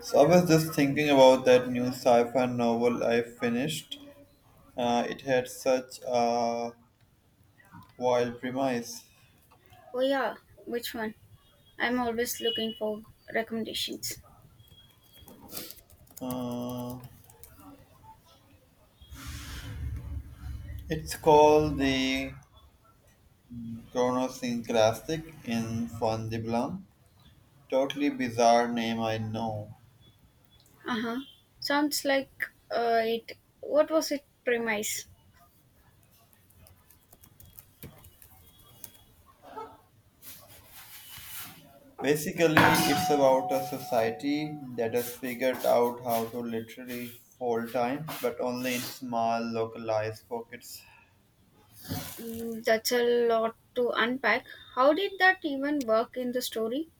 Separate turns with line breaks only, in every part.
So I was just thinking about that new sci-fi novel I finished. It had such a wild premise.
Oh yeah, which one? I'm always looking for recommendations.
Uh, it's called the Chronosynclastic in Fundibulam. Totally bizarre name, I know.
Uh huh. Sounds like it. What was it premise?
Basically, it's about a society that has figured out how to literally fold time, but only in small, localized pockets.
Mm, that's a lot to unpack. How did that even work in the story?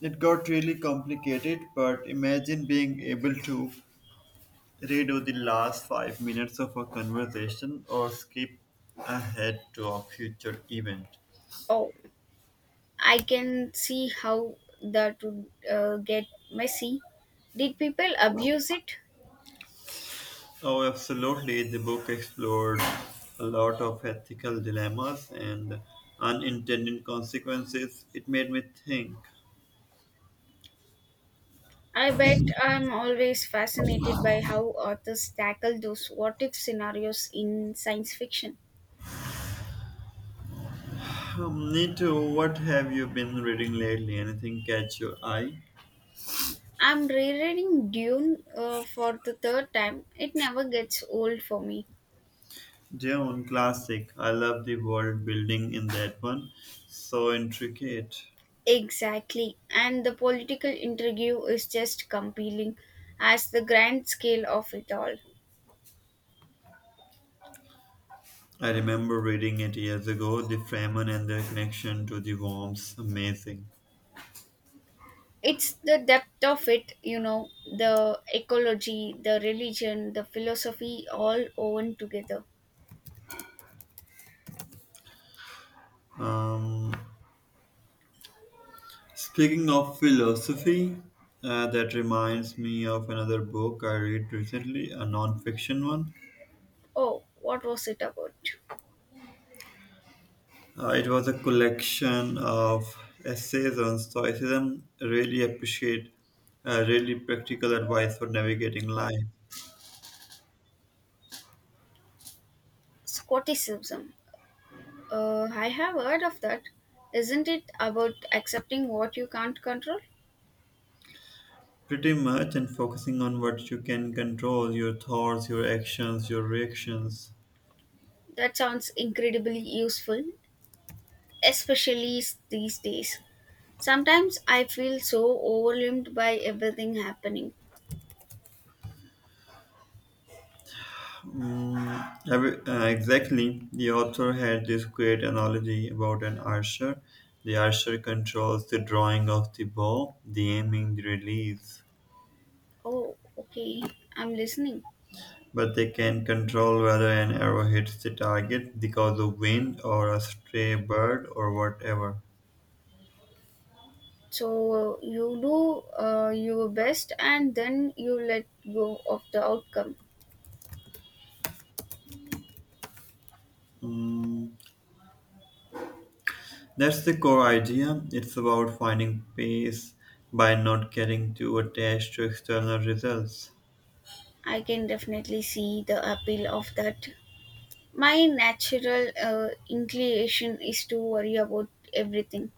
It got really complicated, but imagine being able to redo the last 5 minutes of a conversation or skip ahead to a future event.
Oh, I can see how that would get messy. Did people abuse it?
Oh, absolutely. The book explored a lot of ethical dilemmas and unintended consequences. It made me think.
I bet I'm always fascinated by how authors tackle those what if scenarios in science fiction.
Nito, what have you been reading lately? Anything catch your eye?
I'm rereading Dune for the third time. It never gets old for me.
Dune, classic. I love the world building in that one. So intricate.
Exactly. And the political intrigue is just compelling as the grand scale of it all.
I remember reading it years ago. The Fremen and their connection to the worms, amazing.
It's the depth of it, you know, the ecology, the religion, the philosophy all woven together.
Um, speaking of philosophy, that reminds me of another book I read recently, a non-fiction one.
Oh, what was it about?
It was a collection of essays on stoicism. Really appreciate, really practical advice for navigating life.
Scotticism. I have heard of that. Isn't it about accepting what you can't control?
Pretty much, and focusing on what you can control: your thoughts, your actions, your reactions.
That sounds incredibly useful, especially these days. Sometimes I feel so overwhelmed by everything happening.
Mm, exactly. The author had this great analogy about an archer. The archer controls the drawing of the bow, the aiming, the release,
Oh, okay, I'm listening.
but they can control whether an arrow hits the target because of wind or a stray bird or whatever.
So you do your best and then you let go of the outcome.
Mm, that's the core idea. It's about finding peace by not getting too attached to external results.
I can definitely see the appeal of that. My natural inclination is to worry about everything.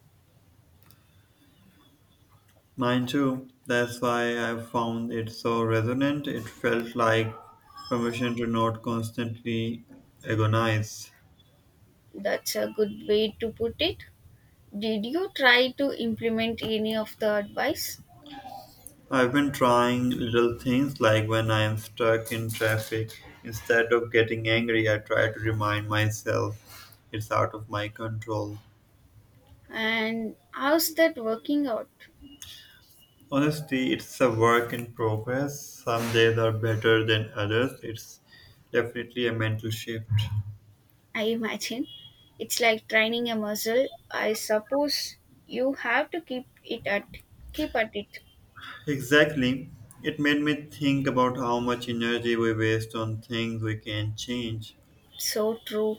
Mine too. That's why I found it so resonant. It felt like permission to not constantly agonize.
That's a good way to put it. Did you try to implement any of the advice?
I've been trying little things like when I am stuck in traffic, instead of getting angry, I try to remind myself it's out of my control.
And how's that working out?
Honestly, it's a work in progress. Some days are better than others. It's definitely a mental shift.
I imagine it's like training a muscle. I suppose you have to keep at it.
Exactly. It made me think about how much energy we waste on things we can change.
So true.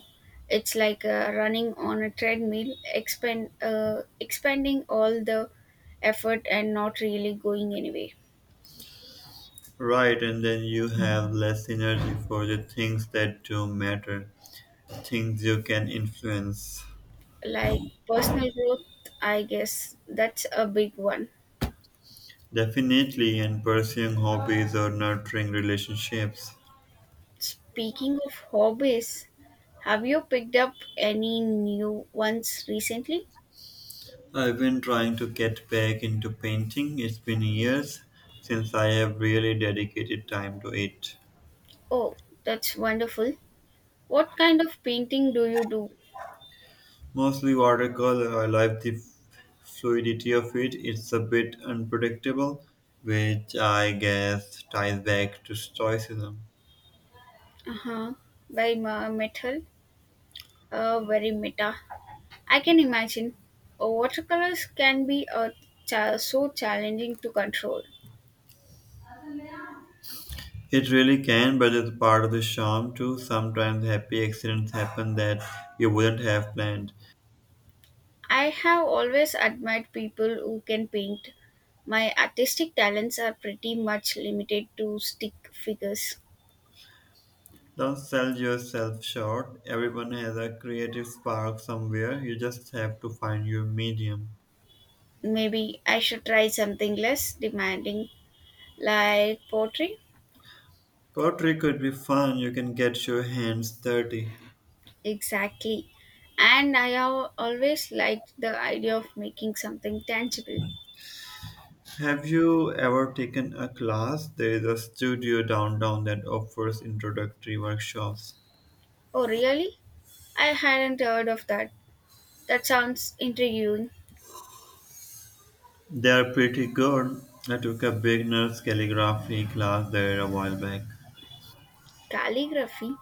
It's like running on a treadmill, expanding all the effort and not really going anywhere.
Right, and then you have less energy for the things that do matter, things you can influence.
Like personal growth, I guess that's a big one.
Definitely, and pursuing hobbies or nurturing relationships.
Speaking of hobbies, have you picked up any new ones recently?
I've been trying to get back into painting. It's been years since I have really dedicated time to it.
Oh, that's wonderful. What kind of painting do you do?
Mostly watercolor. I like the fluidity of it. It's a bit unpredictable, which I guess ties back to stoicism.
Uh huh. By ma- metal? Very meta. I can imagine. Watercolors can be a so challenging to control.
It really can, but it's part of the charm too. Sometimes happy accidents happen that you wouldn't have planned.
I have always admired people who can paint. My artistic talents are pretty much limited to stick figures.
Don't sell yourself short. Everyone has a creative spark somewhere. You just have to find your medium.
Maybe I should try something less demanding, like pottery.
Pottery could be fun. You can get your hands dirty.
Exactly. And I have always liked the idea of making something tangible.
Have you ever taken a class? There is a studio downtown that offers introductory workshops.
Oh, really? I hadn't heard of that. That sounds intriguing.
They are pretty good. I took a beginner's calligraphy class there a while back.
Calligraphy?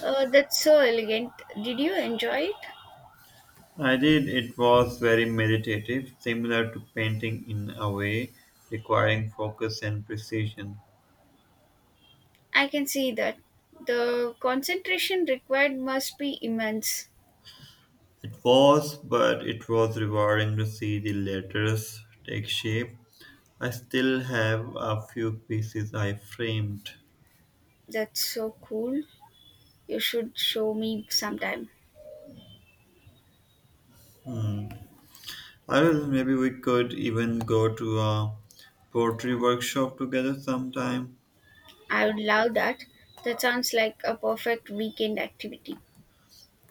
That's so elegant. Did you enjoy it?
I did. It was very meditative, similar to painting in a way, requiring focus and precision.
I can see that. The concentration required must be immense.
It was, but it was rewarding to see the letters take shape. I still have a few pieces I framed.
That's so cool. You should show me sometime.
I will. Maybe we could even go to a pottery workshop together sometime.
I would love that. That sounds like a perfect weekend activity.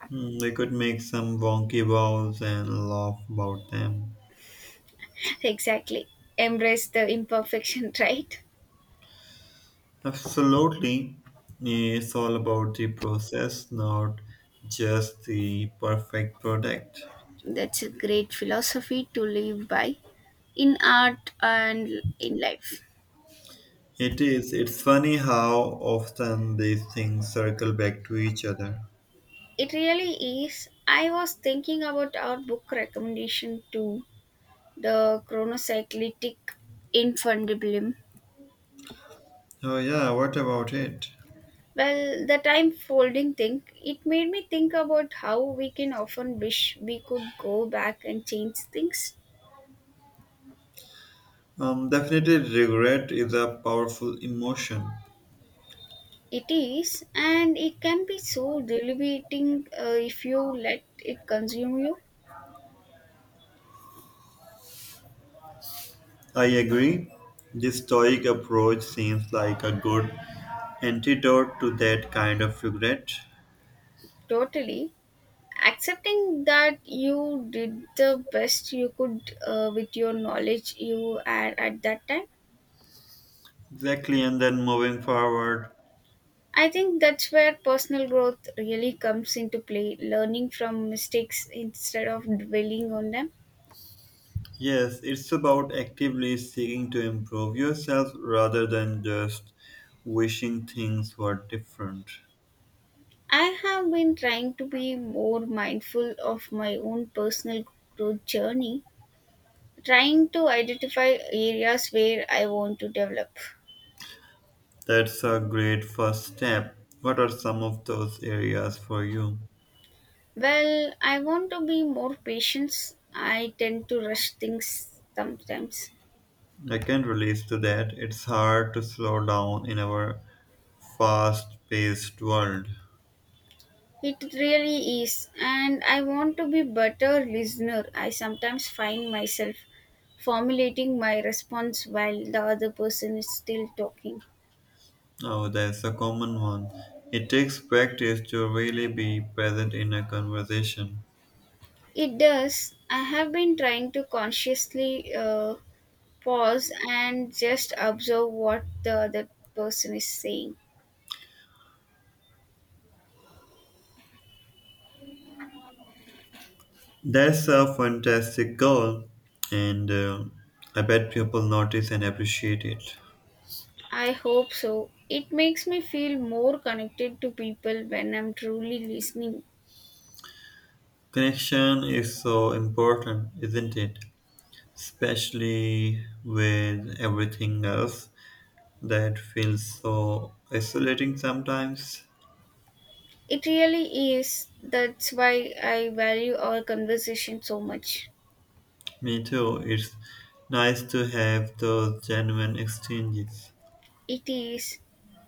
Hmm, we could make some wonky balls and laugh about them.
Exactly. Embrace the imperfection, right?
Absolutely. It's all about the process, not just the perfect product.
That's a great philosophy to live by in art and in life.
It is. It's funny how often these things circle back to each other.
It really is. I was thinking about our book recommendation to the chronocyclitic. Infundibulum.
Oh, yeah, what about it?
Well, the time folding thing, it made me think about how we can often wish we could go back and change things.
Definitely, regret is a powerful emotion.
It is, and it can be so debilitating if you let it consume you
I agree. This stoic approach seems like a good antidote to that kind of regret.
totally. Accepting that you did the best you could with your knowledge you had at that time,
Exactly, and then moving forward.
I think that's where personal growth really comes into play, learning from mistakes instead of dwelling on them.
Yes, it's about actively seeking to improve yourself rather than just wishing things were different.
I have been trying to be more mindful of my own personal growth journey, trying to identify areas where I want to develop.
That's a great first step. What are some of those areas for you?
Well, I want to be more patient. I tend to rush things sometimes.
I can relate to that. It's hard to slow down in our fast paced world.
It really is. And I want to be better listener. I sometimes find myself formulating my response while the other person is still talking.
Oh, that's a common one. It takes practice to really be present in a conversation.
It does. I have been trying to consciously pause and just observe what the other person is saying.
That's a fantastic goal, and I bet people notice and appreciate it.
I hope so. It makes me feel more connected to people when I'm truly listening.
Connection is so important, isn't it? Especially with everything else that feels so isolating sometimes.
It really is. That's why I value our conversation so much.
Me too, it's nice to have those genuine exchanges.
It is.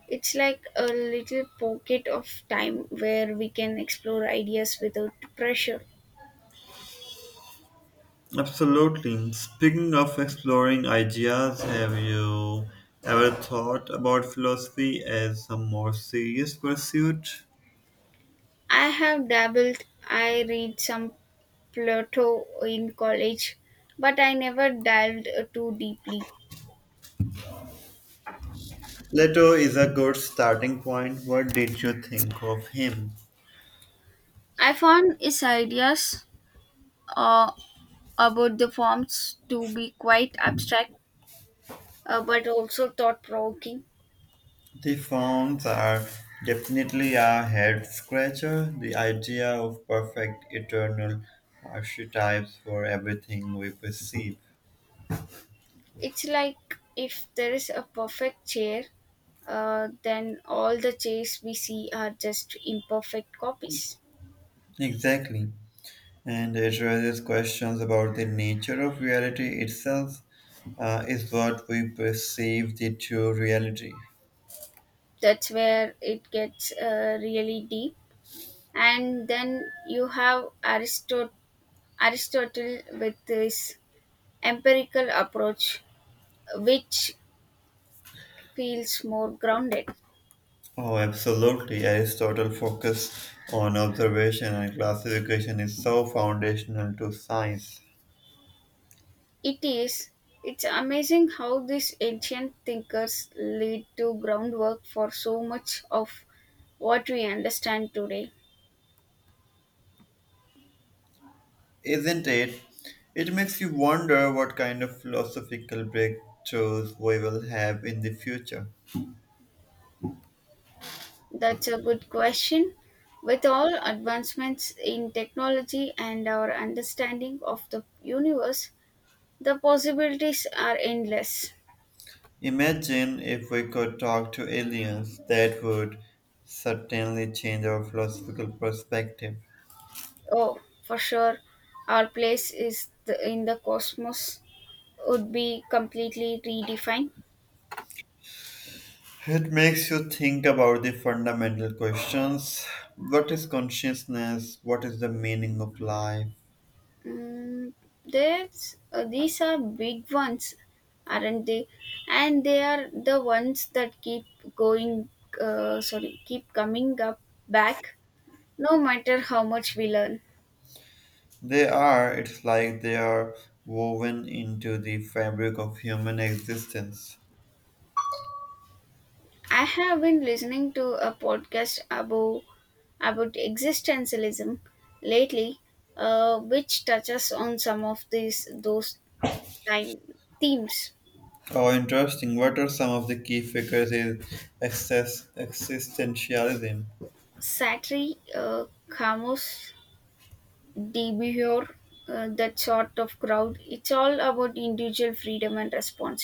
It's like a little pocket of time where we can explore ideas without pressure.
Absolutely. Speaking of exploring ideas, have you ever thought about philosophy as a more serious pursuit?
I have dabbled. I read some Plato in college, but I never dived too deeply.
Plato is a good starting point. What did you think of him?
I found his ideas uh, about the forms to be quite abstract but also thought provoking.
The forms are definitely a head scratcher. The idea of perfect eternal archetypes for everything we perceive.
It's like if there is a perfect chair, then all the chairs we see are just imperfect copies.
Exactly, and it raises questions about the nature of reality itself. Is what we perceive the true reality?
That's where it gets really deep. And then you have Aristotle with this empirical approach, which feels more grounded.
Oh, absolutely. Aristotle's focus on observation and classification is so foundational to science,
It is. It's amazing how these ancient thinkers laid to groundwork for so much of what we understand today.
isn't it? It makes you wonder what kind of philosophical breakthroughs we will have in the future.
That's a good question. With all advancements in technology and our understanding of the universe, the possibilities are endless.
Imagine if we could talk to aliens, that would certainly change our philosophical perspective.
Oh, for sure, our place is in the cosmos would be completely redefined.
It makes you think about the fundamental questions. What is consciousness? What is the meaning of life?
Mm, there's these are big ones, aren't they? And they are the ones that going. Keep coming up back, no matter how much we learn.
They are, it's like they are woven into the fabric of human existence.
I have been listening to a podcast about existentialism lately, which touches on some of these those time themes.
Oh, interesting. What are some of the key figures in excess, existentialism?
Sartre, Camus, demure, that sort of crowd. It's all about individual freedom and responsibility.